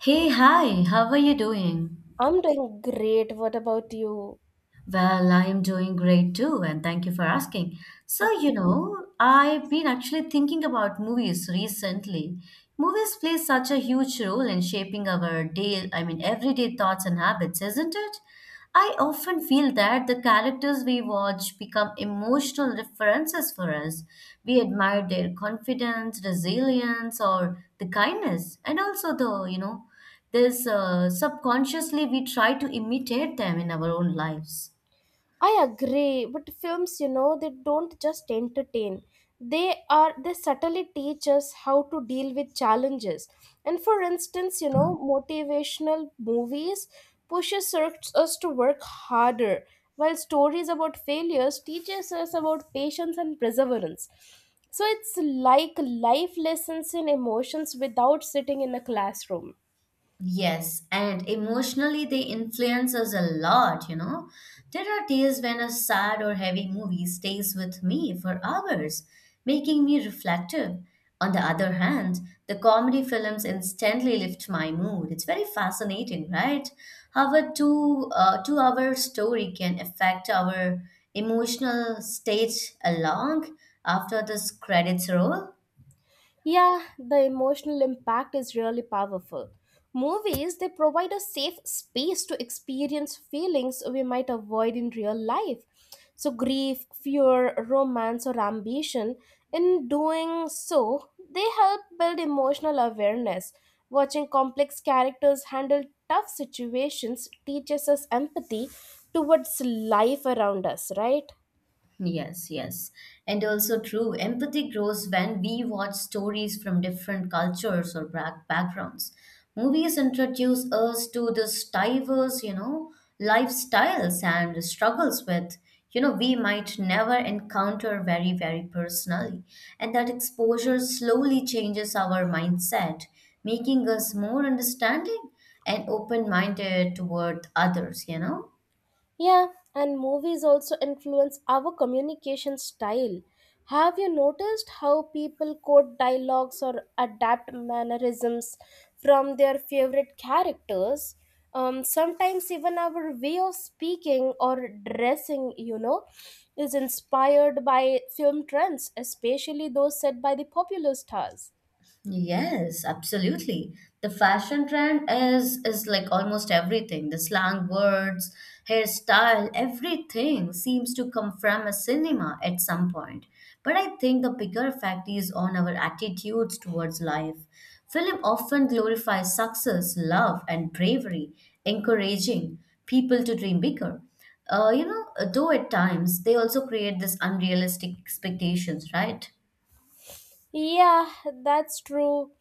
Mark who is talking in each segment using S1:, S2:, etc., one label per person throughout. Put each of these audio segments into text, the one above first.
S1: Hey, hi, how are you doing?
S2: I'm doing great. What about you?
S1: Well, I'm doing great too, and thank you for asking.
S2: Mhm.
S1: I've been actually thinking about movies recently. Movies play such a huge role in shaping our day, I mean, everyday thoughts and habits, isn't it? I often feel that the characters we watch become emotional references for us. We admire their confidence, resilience, or the kindness, and also the, you know, this subconsciously we try to imitate them in our own lives.
S2: I agree, but films, you know, they don't just entertain. They subtly teach us how to deal with challenges. And for instance, you know, motivational movies pushes us to work harder, while stories about failures teaches us about patience and perseverance. So it's like life lessons in emotions without sitting in a classroom.
S1: Yes, and emotionally they influence us a lot, you know. There are days when a sad or heavy movie stays with me for hours, making me reflective. On the other hand, the comedy films instantly lift my mood. It's very fascinating, right? How a 2 hour story can affect our emotional state along after this credits roll.
S2: Yeah, the emotional impact is really powerful. Movies, they provide a safe space to experience feelings we might avoid in real life. So, grief, fear, romance, or ambition, in doing so, they help build emotional awareness. Watching complex characters handle tough situations teaches us empathy towards life around us, right?
S1: Yes, yes. And also true, empathy grows when we watch stories from different cultures or backgrounds. Movies introduce us to this diverse, you know, lifestyles and struggles with, you know, we might never encounter very, very personally. And that exposure slowly changes our mindset, making us more understanding and open-minded toward others, you know?
S2: Yeah, and movies also influence our communication style. Have you noticed how people quote dialogues or adapt mannerisms from their favorite characters? Sometimes even our way of speaking or dressing, you know, is inspired by film trends, especially those set by the popular stars.
S1: Yes, absolutely. The fashion trend is like almost everything. The slang words, hairstyle, everything seems to come from a cinema at some point. But I think the bigger fact is on our attitudes towards life. Film often glorifies success, love, and bravery, encouraging people to dream bigger. Uh, you know, though at times they also create this unrealistic expectations, right?
S2: Yeah, that's true.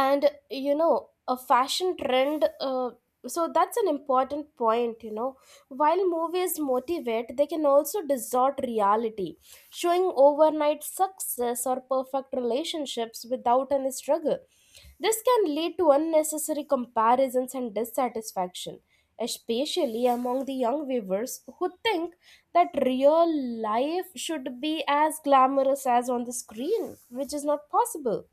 S2: And you know, a fashion trend, so that's an important point, you know. While movies motivate, they can also distort reality, showing overnight success or perfect relationships without any struggle. This can lead to unnecessary comparisons and dissatisfaction, especially among the young viewers who think that real life should be as glamorous as on the screen, which is not possible.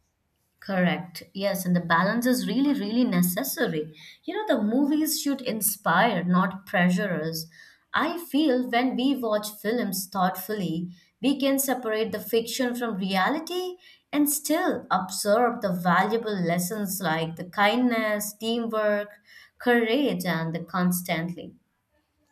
S1: Correct. Yes, and the balance is really, really necessary. You know, the movies should inspire, not pressure us. I feel when we watch films thoughtfully, we can separate the fiction from reality and still observe the valuable lessons like the kindness, teamwork, courage, and the constantly.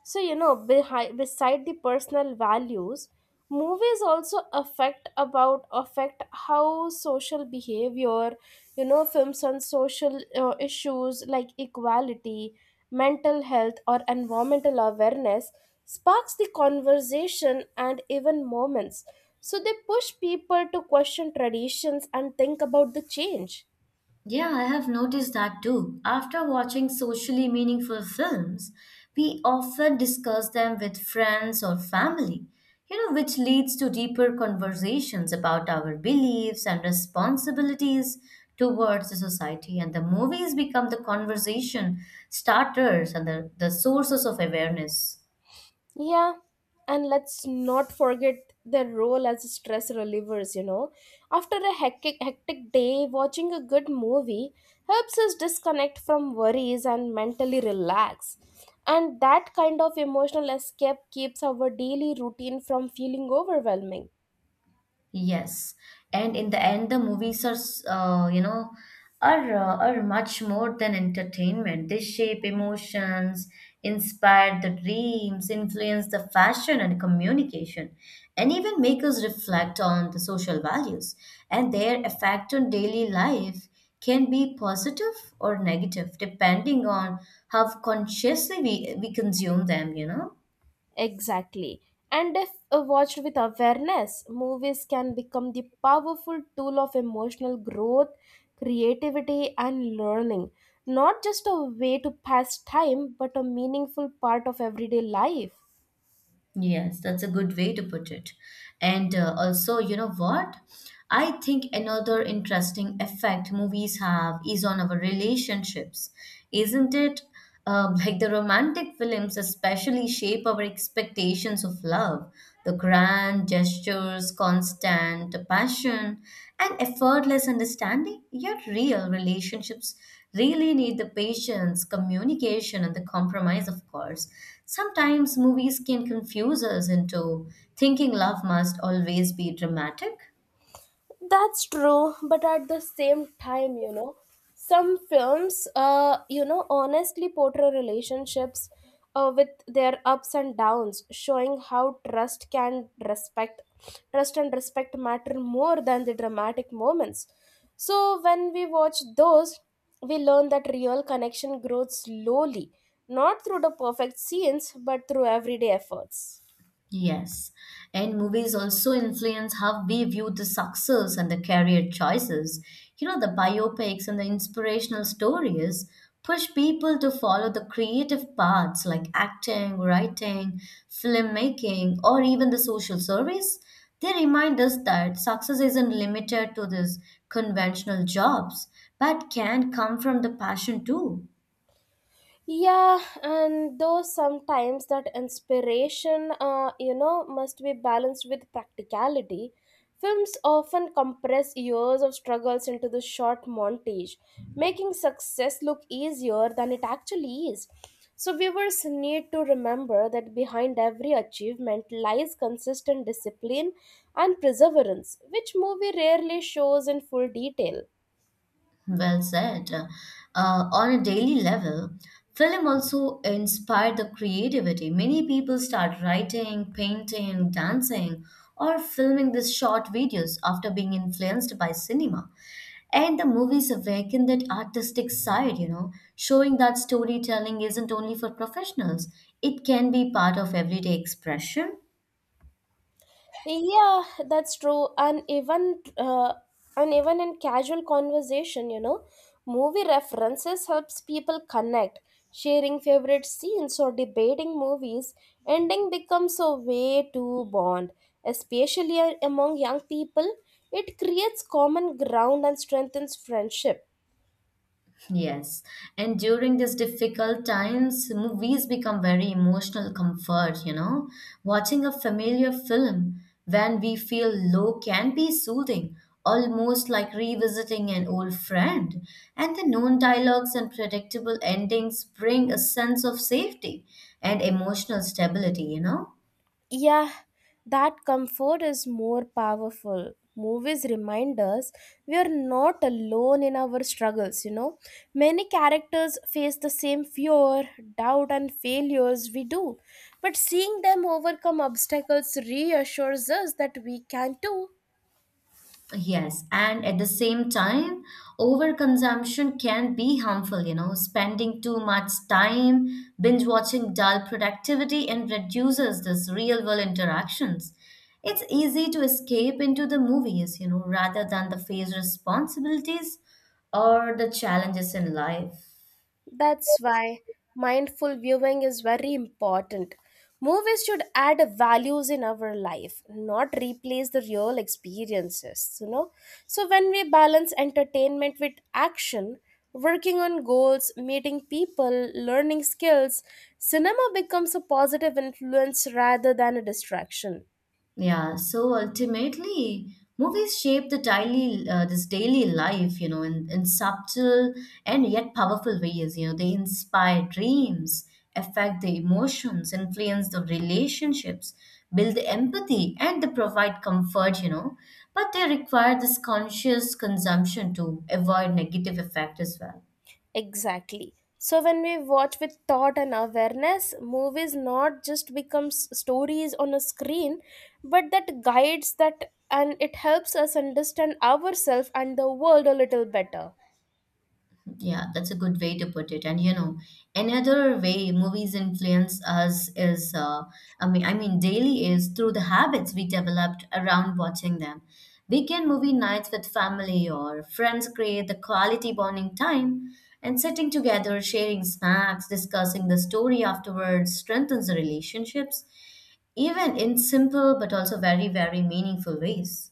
S2: So, you know, behind, beside the personal values, movies also affect how social behavior, you know, films on social issues like equality, mental health or environmental awareness sparks the conversation and even moments. So they push people to question traditions and think about the change.
S1: Yeah, I have noticed that too. After watching socially meaningful films, we often discuss them with friends or family, you know, which leads to deeper conversations about our beliefs and responsibilities towards the society. And the movies become the conversation starters and the sources of awareness.
S2: Yeah, and let's not forget their role as stress relievers, you know. After a hectic day, watching a good movie helps us disconnect from worries and mentally relax. And that kind of emotional escape keeps our daily routine from feeling overwhelming.
S1: Yes, and in the end, the movies are, s- you know, are much more than entertainment. They shape emotions, inspire the dreams, influence the fashion and communication, and even make us reflect on the social values. And their effect on daily life can be positive or negative, depending on how consciously we consume them, you know.
S2: Exactly. And if watched with awareness, movies can become the powerful tool of emotional growth, creativity, and learning. Not just a way to pass time, but a meaningful part of everyday life.
S1: Yes, that's a good way to put it. And Also, you know what? I think another interesting effect movies have is on our relationships, isn't it? Like the romantic films, especially shape our expectations of love. The grand gestures, constant passion, and effortless understanding. Yet, real relationships really need the patience, communication, and the compromise, of course. Sometimes movies can confuse us into thinking love must always be dramatic.
S2: That's true, but at the same time, you know, some films, you know, honestly portray relationships with their ups and downs, showing how trust and respect matter more than the dramatic moments. So when we watch those, we learn that real connection grows slowly, not through the perfect scenes, but through everyday efforts.
S1: Yes, and movies also influence how we view the success and the career choices. You know, the biopics and the inspirational stories push people to follow the creative paths like acting, writing, filmmaking, or even the social service. They remind us that success isn't limited to these conventional jobs, but can come from the passion too.
S2: Yeah, and though sometimes that inspiration, you know, must be balanced with practicality. Films often compress years of struggles into the short montage, making success look easier than it actually is. So viewers need to remember that behind every achievement lies consistent discipline and perseverance, which movie rarely shows in full detail.
S1: Well said. On a daily level, film also inspired the creativity. Many people start writing, painting, dancing, or filming these short videos after being influenced by cinema. And the movies awaken that artistic side, you know, showing that storytelling isn't only for professionals, it can be part of everyday expression.
S2: Yeah, that's true. And even in casual conversation, you know, movie references helps people connect. Sharing favorite scenes or debating movies, ending becomes a way to bond, especially among young people. It creates common ground and strengthens friendship.
S1: Yes, and during these difficult times, movies become very emotional comfort, you know. Watching a familiar film when we feel low can be soothing, almost like revisiting an old friend. And the known dialogues and predictable endings bring a sense of safety and emotional stability, you know.
S2: Yeah, that comfort is more powerful. Movies remind us we are not alone in our struggles, you know. Many characters face the same fear, doubt, and failures we do. But seeing them overcome obstacles reassures us that we can too.
S1: Yes, and at the same time, overconsumption can be harmful, you know, spending too much time binge watching dull productivity and reduces this real world interactions. It's easy to escape into the movies, you know, rather than the face responsibilities or the challenges in life.
S2: That's why mindful viewing is very important. Movies should add values in our life, not replace the real experiences, you know. So when we balance entertainment with action, working on goals, meeting people, learning skills, cinema becomes a positive influence rather than a distraction.
S1: Yeah, so ultimately, movies shape this daily life, you know, in subtle and yet powerful ways. You know, they inspire dreams, affect the emotions, influence the relationships, build the empathy, and they provide comfort, you know. But they require this conscious consumption to avoid negative effect as well.
S2: Exactly. So when we watch with thought and awareness, movies not just becomes stories on a screen, but that guides that and it helps us understand ourselves and the world a little better.
S1: Yeah, that's a good way to put it. And you know, another way movies influence us is, I mean, daily is through the habits we developed around watching them. Weekend movie nights with family or friends create the quality bonding time, and sitting together, sharing snacks, discussing the story afterwards strengthens the relationships, even in simple but also very, very meaningful ways.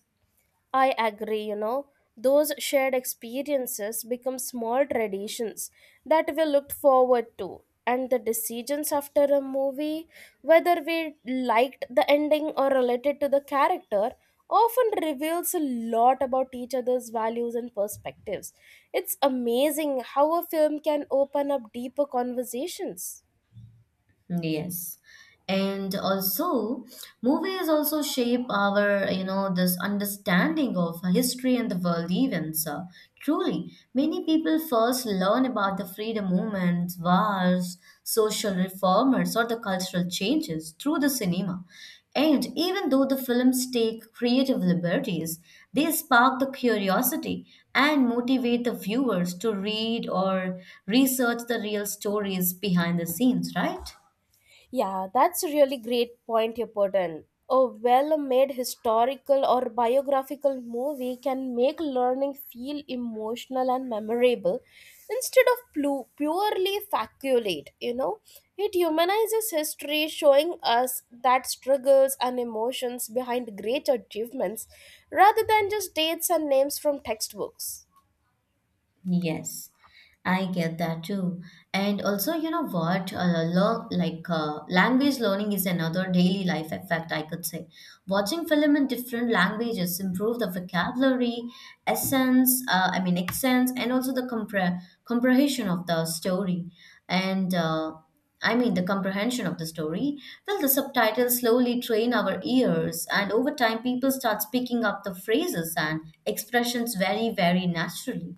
S2: I agree, you know, those shared experiences become small traditions that we looked forward to. And the decisions after a movie, whether we liked the ending or related to the character, often reveals a lot about each other's values and perspectives. It's amazing how a film can open up deeper conversations.
S1: Yes. And also, movies also shape our, you know, this understanding of history and the world events. Truly, many people first learn about the freedom movements, wars, social reformers, or the cultural changes through the cinema. And even though the films take creative liberties, they spark the curiosity and motivate the viewers to read or research the real stories behind the scenes, right?
S2: Yeah, that's a really great point you put in. A well made historical or biographical movie can make learning feel emotional and memorable instead of purely faculate, you know. It humanizes history, showing us that struggles and emotions behind great achievements rather than just dates and names from textbooks.
S1: Yes, I get that too. And also, you know what? Learn, like Language learning is another daily life effect, I could say. Watching film in different languages improve the vocabulary, accents, and also the comprehension of the story. And I mean, the comprehension of the story. Well, the subtitles slowly train our ears, and over time, people start speaking up the phrases and expressions very, very naturally.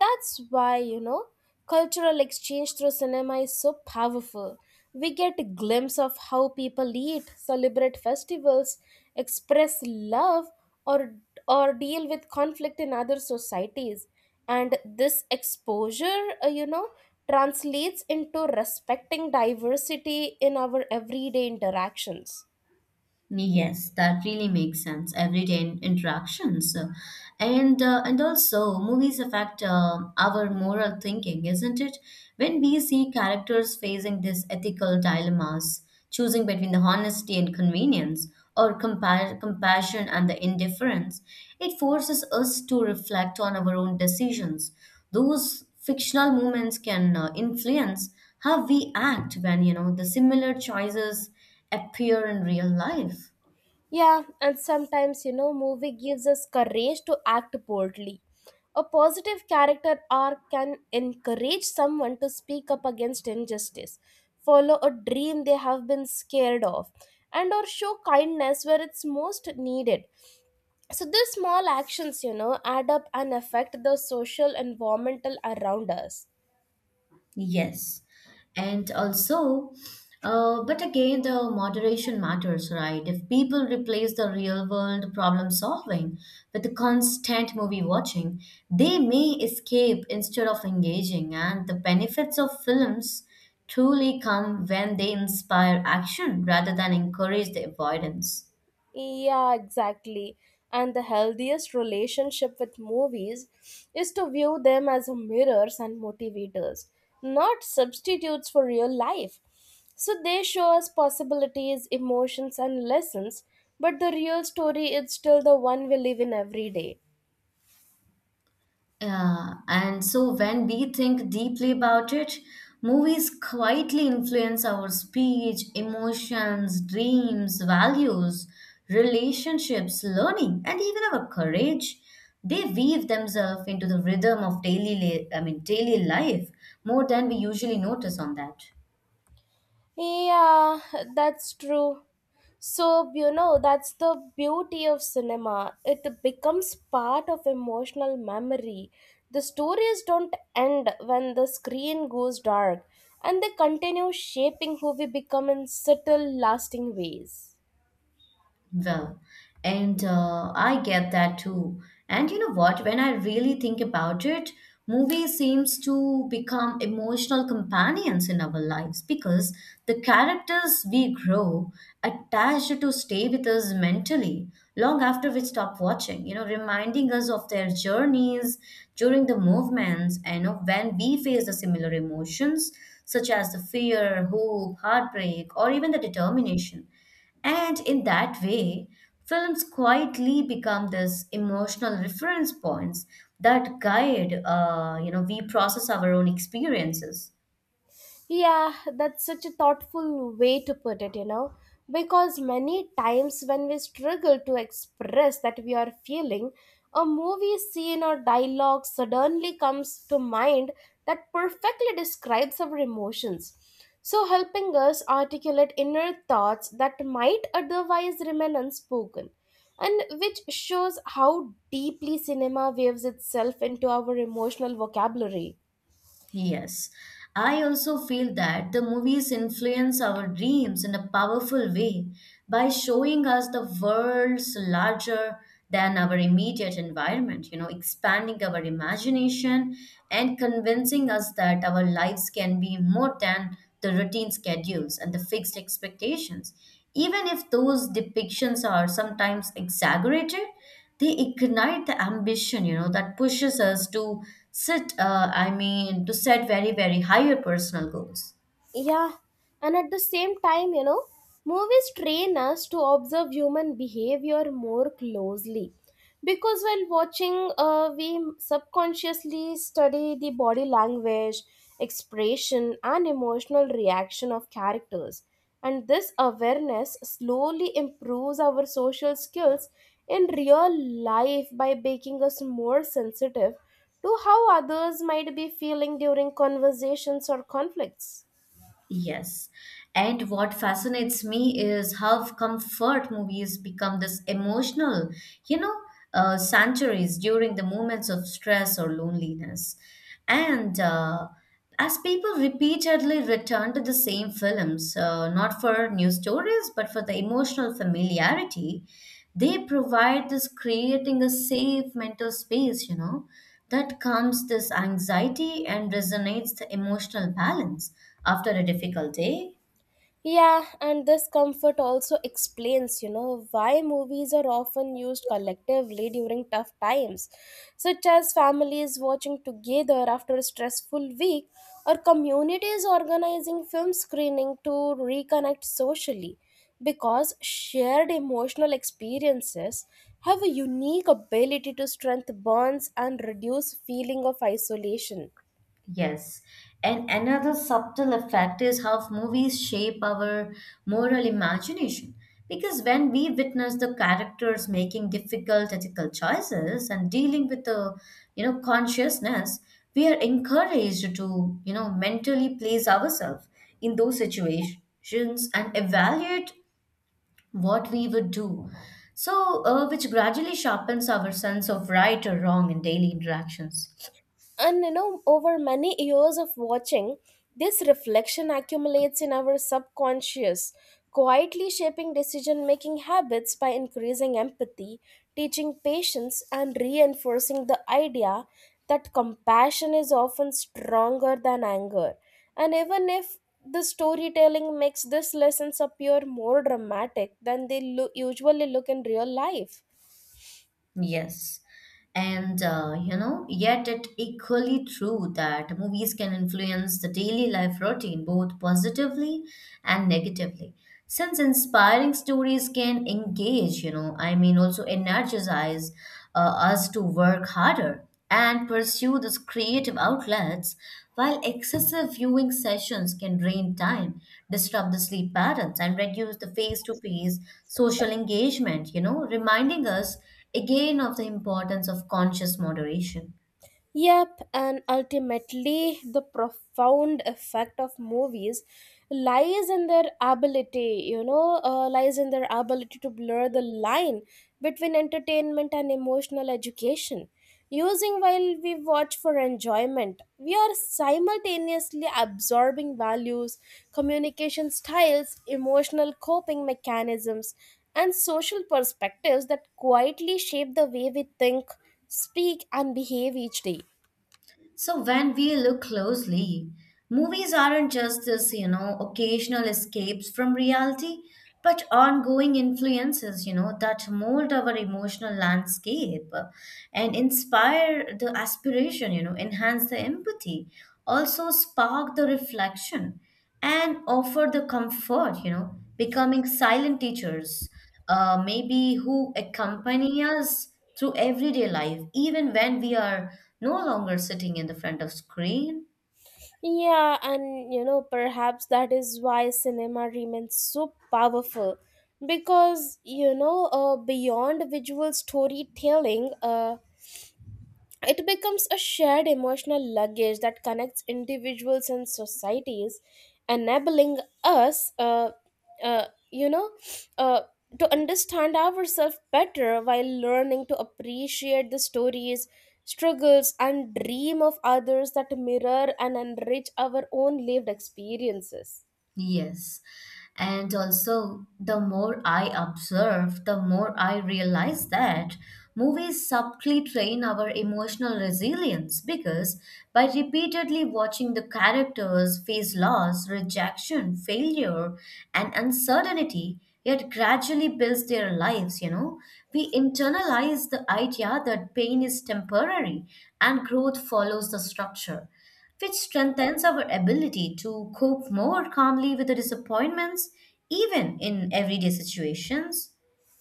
S2: That's why, you know, cultural exchange through cinema is so powerful. We get a glimpse of how people eat, celebrate festivals, express love, or, or deal with conflict in other societies. And this exposure, you know, translates into respecting diversity in our everyday interactions.
S1: Yes, that really makes sense. Everyday interactions. And and also movies affect our moral thinking, isn't it? When we see characters facing these ethical dilemmas, choosing between the honesty and convenience, or compassion and the indifference, it forces us to reflect on our own decisions. Those fictional moments can influence how we act when you know the similar choices appear in real life.
S2: Yeah, and sometimes, you know, movie gives us courage to act boldly. A positive character arc can encourage someone to speak up against injustice, follow a dream they have been scared of, and or show kindness where it's most needed. So these small actions, you know, add up and affect the social environmental around us.
S1: Yes. And also, but again, the moderation matters, right? If people replace the real world problem solving with the constant movie watching, they may escape instead of engaging. And the benefits of films truly come when they inspire action rather than encourage the avoidance.
S2: Yeah, exactly. And the healthiest relationship with movies is to view them as mirrors and motivators, not substitutes for real life. So they show us possibilities, emotions, and lessons, but the real story is still the one we live in every day.
S1: Yeah, and so when we think deeply about it, movies quietly influence our speech, emotions, dreams, values, relationships, learning, and even our courage. They weave themselves into the rhythm of daily, la- I mean, daily life more than we usually notice on that.
S2: Yeah, that's true. So, you know, that's the beauty of cinema. It becomes part of emotional memory. The stories don't end when the screen goes dark, and they continue shaping who we become in subtle, lasting ways.
S1: Well, and I get that too. And you know what? When I really think about it, movies seems to become emotional companions in our lives because the characters we grow attached to stay with us mentally long after we stop watching, you know, reminding us of their journeys during the movements and of when we face the similar emotions such as the fear, hope, heartbreak, or even the determination. And in that way, films quietly become this emotional reference points that guide, we process our own experiences.
S2: Yeah, that's such a thoughtful way to put it, you know, because many times when we struggle to express that we are feeling, a movie scene or dialogue suddenly comes to mind that perfectly describes our emotions. So, helping us articulate inner thoughts that might otherwise remain unspoken, and which shows how deeply cinema weaves itself into our emotional vocabulary.
S1: Yes, I also feel that the movies influence our dreams in a powerful way by showing us the worlds larger than our immediate environment, you know, expanding our imagination and convincing us that our lives can be more than the routine schedules and the fixed expectations. Even if those depictions are sometimes exaggerated, they ignite the ambition you know that pushes us to sit I mean to set very, very higher personal goals.
S2: Yeah, and at the same time, you know, movies train us to observe human behavior more closely. Because while watching, we subconsciously study the body language, expression, and emotional reaction of characters. And this awareness slowly improves our social skills in real life by making us more sensitive to how others might be feeling during conversations or conflicts.
S1: Yes. And what fascinates me is how comfort movies become this emotional, you know, sanctuaries during the moments of stress or loneliness. And As people repeatedly return to the same films, not for new stories, but for the emotional familiarity, they provide this creating a safe mental space, you know, that calms this anxiety and resonates the emotional balance after a difficult day.
S2: Yeah, and this comfort also explains, you know, why movies are often used collectively during tough times, such as families watching together after a stressful week or communities organizing film screening to reconnect socially, because shared emotional experiences have a unique ability to strengthen bonds and reduce feeling of isolation.
S1: Yes. And another subtle effect is how movies shape our moral imagination. Because when we witness the characters making difficult ethical choices and dealing with the, you know, consciousness, we are encouraged to, you know, mentally place ourselves in those situations and evaluate what we would do. So, which gradually sharpens our sense of right or wrong in daily interactions.
S2: And you know, over many years of watching, this reflection accumulates in our subconscious, quietly shaping decision making habits by increasing empathy, teaching patience, and reinforcing the idea that compassion is often stronger than anger. And even if the storytelling makes these lessons appear more dramatic than they usually look in real life.
S1: Yes. And You know, yet it equally true that movies can influence the daily life routine both positively and negatively. Since inspiring stories can engage, you know, I mean, also energize us to work harder and pursue these creative outlets, while excessive viewing sessions can drain time, disrupt the sleep patterns, and reduce the face to face social engagement, you know, reminding us again of the importance of conscious moderation.
S2: Yep, and ultimately, the profound effect of movies lies in their ability, you know, lies in their ability to blur the line between entertainment and emotional education. Using while we watch for enjoyment, we are simultaneously absorbing values, communication styles, emotional coping mechanisms, and social perspectives that quietly shape the way we think speak and behave each day.
S1: So when we look closely, movies aren't just this, occasional escapes from reality, but ongoing influences, that mold our emotional landscape and inspire the aspiration, enhance the empathy, also spark the reflection and offer the comfort, becoming silent teachers, maybe who accompany us through everyday life, even when we are no longer sitting in the front of screen.
S2: Yeah, and you know, perhaps that is why cinema remains so powerful because you know, beyond visual storytelling, it becomes a shared emotional luggage that connects individuals and societies, enabling us, uh, you know, uh, to understand ourselves better while learning to appreciate the stories, struggles, and dream of others that mirror and enrich our own lived experiences.
S1: Yes. And also, the more I observe, the more I realize that movies subtly train our emotional resilience because by repeatedly watching the characters face loss, rejection, failure, and uncertainty, yet gradually builds their lives, we internalize the idea that pain is temporary and growth follows the structure which strengthens our ability to cope more calmly with the disappointments, even in everyday situations.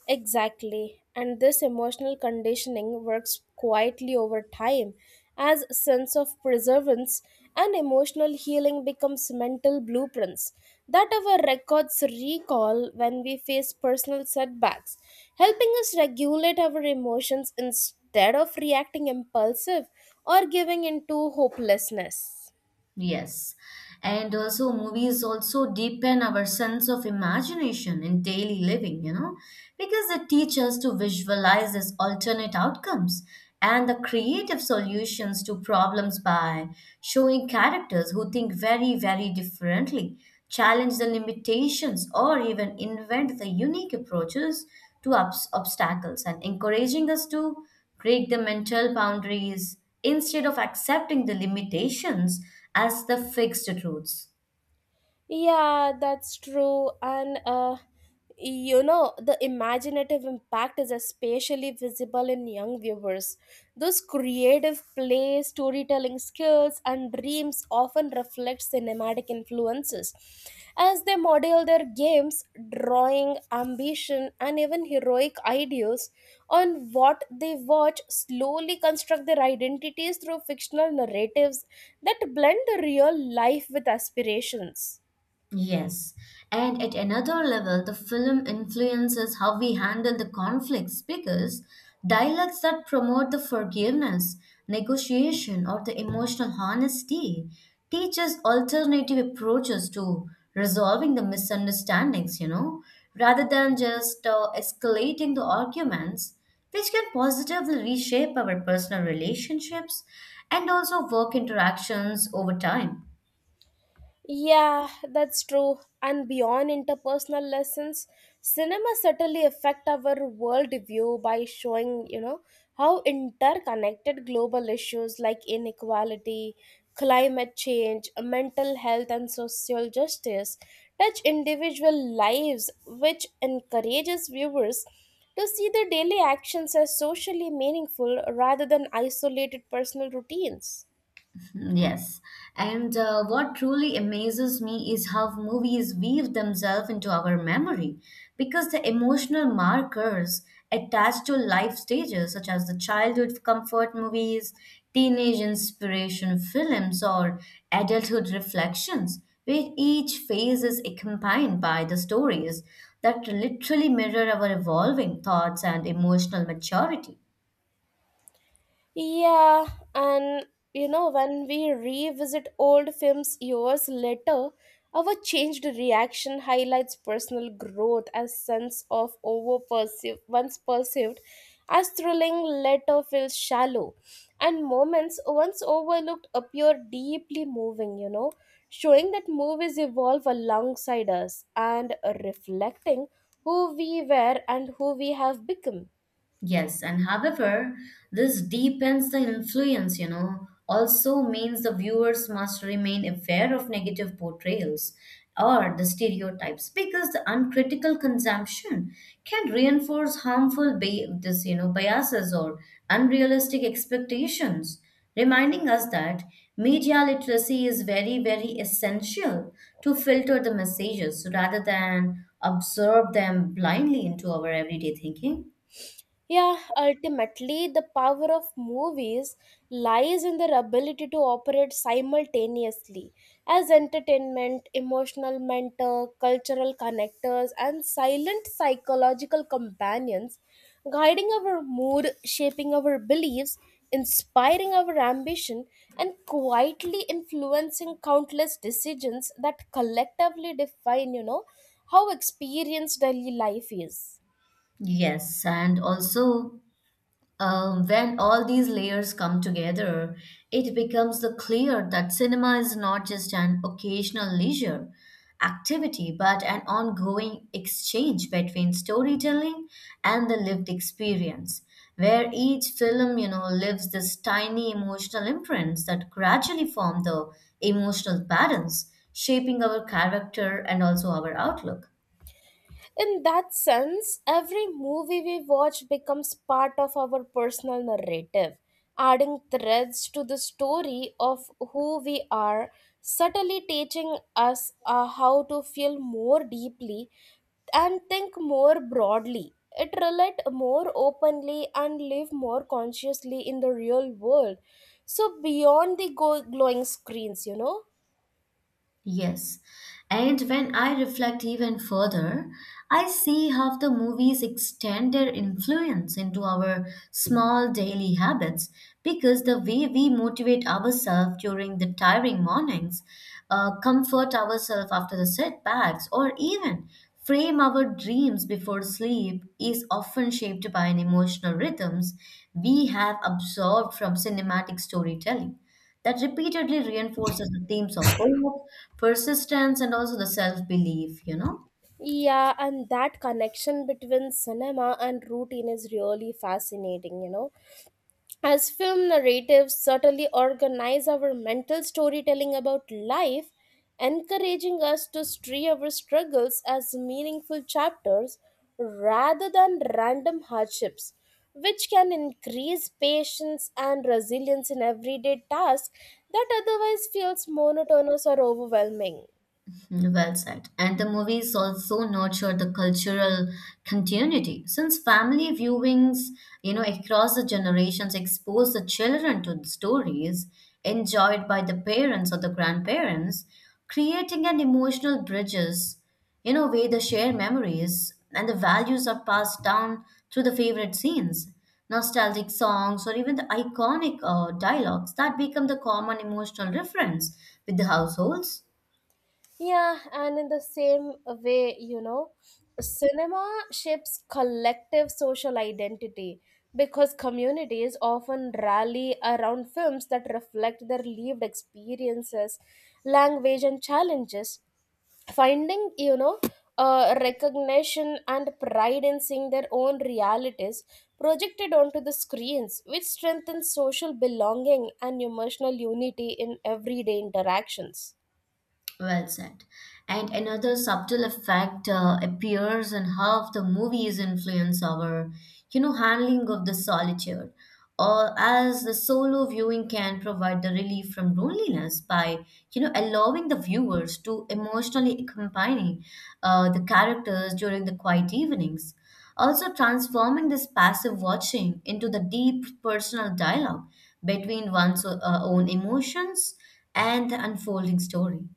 S2: Exactly. And this emotional conditioning works quietly over time as a sense of perseverance and emotional healing becomes mental blueprints that our records recall when we face personal setbacks, helping us regulate our emotions instead of reacting impulsive or giving into hopelessness.
S1: Yes. And also, movies also deepen our sense of imagination in daily living, because they teach us to visualize these alternate outcomes and the creative solutions to problems by showing characters who think very, very differently, challenge the limitations, or even invent the unique approaches to obstacles and encouraging us to break the mental boundaries instead of accepting the limitations as the fixed truths.
S2: Yeah, that's true. And you know, the imaginative impact is especially visible in young viewers. Those creative play, storytelling skills, and dreams often reflect cinematic influences as they model their games, drawing, ambition, and even heroic ideals on what they watch, slowly construct their identities through fictional narratives that blend real life with aspirations.
S1: Yes, and at another level, the film influences how we handle the conflicts because dialogues that promote the forgiveness, negotiation, or the emotional honesty teaches alternative approaches to resolving the misunderstandings, rather than just escalating the arguments, which can positively reshape our personal relationships and also work interactions over time.
S2: Yeah, that's true. And beyond interpersonal lessons, cinema certainly affect our world view by showing, you know, how interconnected global issues like inequality, climate change, mental health and social justice touch individual lives, which encourages viewers to see their daily actions as socially meaningful rather than isolated personal routines.
S1: Yes. And what truly amazes me is how movies weave themselves into our memory because the emotional markers attached to life stages, such as the childhood comfort movies, teenage inspiration films, or adulthood reflections, where each phase is accompanied by the stories that literally mirror our evolving thoughts and emotional maturity.
S2: Yeah, and you know, when we revisit old films years later, our changed reaction highlights personal growth as sense of over perceived once perceived as thrilling later feels shallow, and moments once overlooked appear deeply moving, you know, showing that movies evolve alongside us and reflecting who we were and who we have become.
S1: Yes, and however, this deepens the influence, also means the viewers must remain aware of negative portrayals or the stereotypes because the uncritical consumption can reinforce harmful biases or unrealistic expectations, reminding us that media literacy is very, very essential to filter the messages rather than absorb them blindly into our everyday thinking.
S2: Yeah, ultimately, the power of movies lies in their ability to operate simultaneously as entertainment, emotional mentor, cultural connectors, and silent psychological companions, guiding our mood, shaping our beliefs, inspiring our ambition, and quietly influencing countless decisions that collectively define, you know, how experienced daily life is.
S1: Yes, and also when all these layers come together, it becomes the clear that cinema is not just an occasional leisure activity, but an ongoing exchange between storytelling and the lived experience, where each film, leaves this tiny emotional imprints that gradually form the emotional patterns, shaping our character and also our outlook.
S2: In that sense, every movie we watch becomes part of our personal narrative, adding threads to the story of who we are, subtly teaching us how to feel more deeply and think more broadly. It relate more openly and live more consciously in the real world. So beyond the glowing screens, you know.
S1: Yes. And when I reflect even further, I see how the movies extend their influence into our small daily habits because the way we motivate ourselves during the tiring mornings, comfort ourselves after the setbacks, or even frame our dreams before sleep is often shaped by an emotional rhythms we have absorbed from cinematic storytelling that repeatedly reinforces the themes of hope, persistence, and also the self belief.
S2: Yeah, and that connection between cinema and routine is really fascinating, you know. As film narratives certainly organize our mental storytelling about life, encouraging us to see our struggles as meaningful chapters rather than random hardships, which can increase patience and resilience in everyday tasks that otherwise feels monotonous or overwhelming.
S1: Well said. And the movies also nurture the cultural continuity since family viewings, across the generations expose the children to the stories enjoyed by the parents or the grandparents, creating an emotional bridges, where the shared memories and the values are passed down through the favorite scenes, nostalgic songs, or even the iconic dialogues that become the common emotional reference with the households.
S2: Yeah, and in the same way, you know, cinema shapes collective social identity because communities often rally around films that reflect their lived experiences, language, and challenges. Finding, you know, recognition and pride in seeing their own realities projected onto the screens, which strengthens social belonging and emotional unity in everyday interactions.
S1: Well said. And another subtle effect appears in how the movies influence our handling of the solitude, or as the solo viewing can provide the relief from loneliness by allowing the viewers to emotionally accompany the characters during the quiet evenings. Also, transforming this passive watching into the deep personal dialogue between one's own emotions and the unfolding story.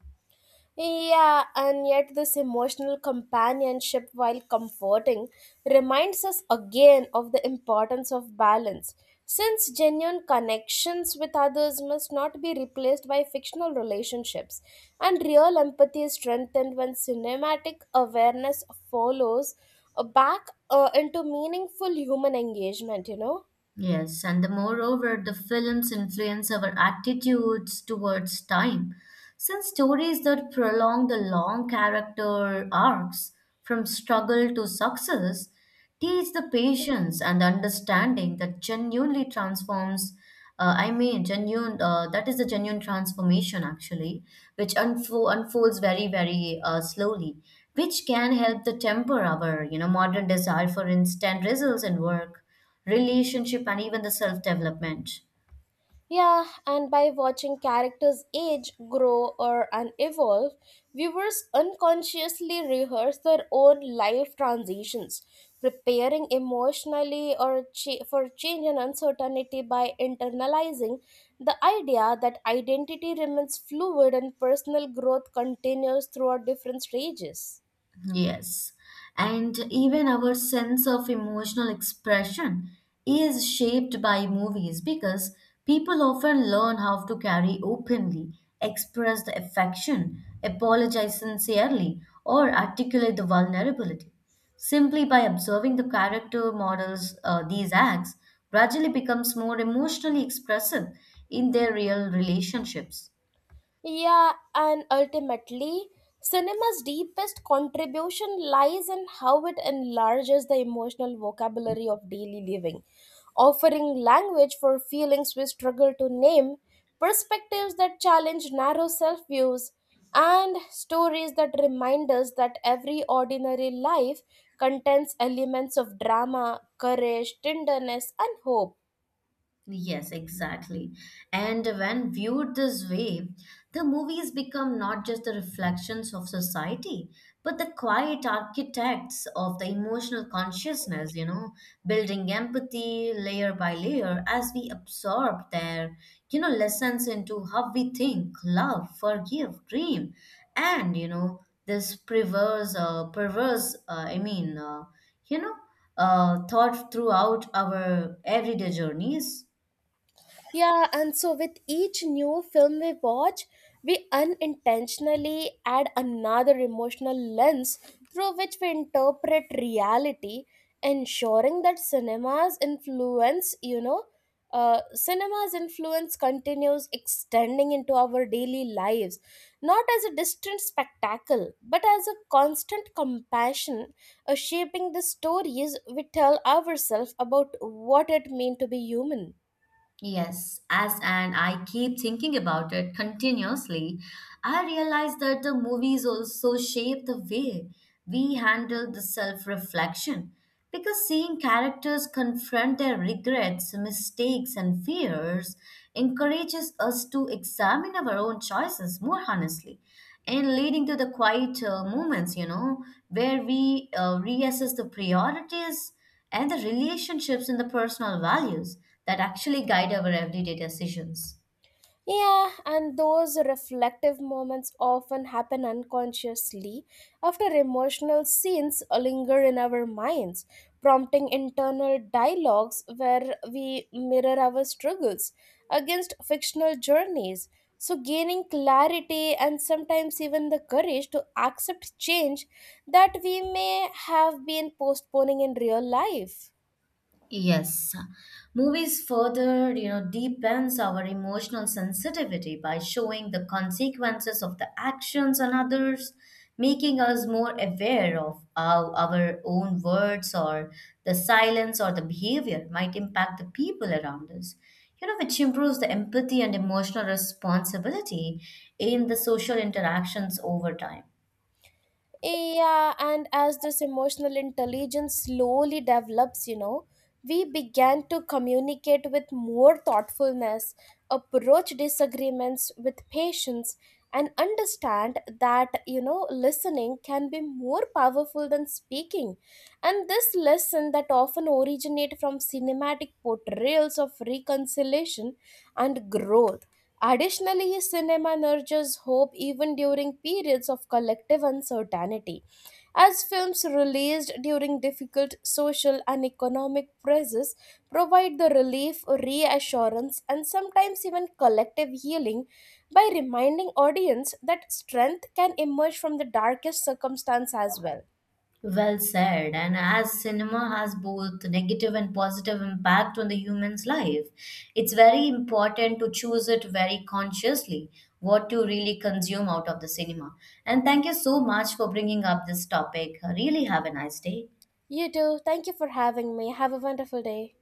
S2: Yeah, and yet this emotional companionship, while comforting, reminds us again of the importance of balance, since genuine connections with others must not be replaced by fictional relationships, and real empathy is strengthened when cinematic awareness follows back into meaningful human engagement, you know.
S1: Yes, and the moreover, the films influence our attitudes towards time. Since stories that prolong the long character arcs from struggle to success teach the patience and understanding that genuinely transforms, I mean, genuine, that is the genuine transformation actually, which unfolds very, very slowly, which can help to temper our modern desire for instant results in work relationship and even the self development.
S2: Yeah, and by watching characters age, grow, or and evolve, viewers unconsciously rehearse their own life transitions, preparing emotionally or for change and uncertainty by internalizing the idea that identity remains fluid and personal growth continues throughout different stages.
S1: Yes, and even our sense of emotional expression is shaped by movies because people often learn how to carry openly express the affection apologize sincerely or articulate the vulnerability simply by observing the character models these acts gradually becomes more emotionally expressive in their real relationships.
S2: Yeah, and ultimately, cinema's deepest contribution lies in how it enlarges the emotional vocabulary of daily living, offering language for feelings we struggle to name, perspectives that challenge narrow self views, and stories that remind us that every ordinary life contains elements of drama, courage, tenderness, and hope.
S1: Yes, exactly. And when viewed this way, the movies become not just the reflections of society, but the quiet architects of the emotional consciousness, building empathy layer by layer as we absorb their lessons into how we think, love, forgive, dream, and, you know, this perverse, perverse, I mean, you know, thought throughout our everyday journeys.
S2: Yeah, and so with each new film we watch, we unintentionally add another emotional lens through which we interpret reality, ensuring that cinema's influence continues extending into our daily lives, not as a distant spectacle, but as a constant compassion, shaping the stories we tell ourselves about what it means to be human.
S1: Yes, as and I keep thinking about it continuously, I realize that the movies also shape the way we handle the self-reflection. Because seeing characters confront their regrets, mistakes, and fears encourages us to examine our own choices more honestly and leading to the quiet moments, where we reassess the priorities and the relationships and the personal values that actually guide our everyday decisions.
S2: Yeah, and those reflective moments often happen unconsciously after emotional scenes linger in our minds, prompting internal dialogues where we mirror our struggles against fictional journeys. So, gaining clarity and sometimes even the courage to accept change that we may have been postponing in real life.
S1: Yes. Movies further, deepens our emotional sensitivity by showing the consequences of the actions on others, making us more aware of how our own words or the silence or the behavior might impact the people around us. Which improves the empathy and emotional responsibility in the social interactions over time.
S2: Yeah, and as this emotional intelligence slowly develops, you know, we began to communicate with more thoughtfulness, approach disagreements with patience, and understand that, you know, listening can be more powerful than speaking. And this lesson that often originate from cinematic portrayals of reconciliation and growth. Additionally, cinema nurtures hope even during periods of collective uncertainty. As films released during difficult social and economic pressures provide the relief, reassurance, and sometimes even collective healing by reminding audience that strength can emerge from the darkest circumstance as well.
S1: Well said. And as cinema has both negative and positive impact on the human's life, it's very important to choose it very consciously what to really consume out of the cinema. And thank you so much for bringing up this topic. Really have a nice day.
S2: You too. Thank you for having me. Have a wonderful day.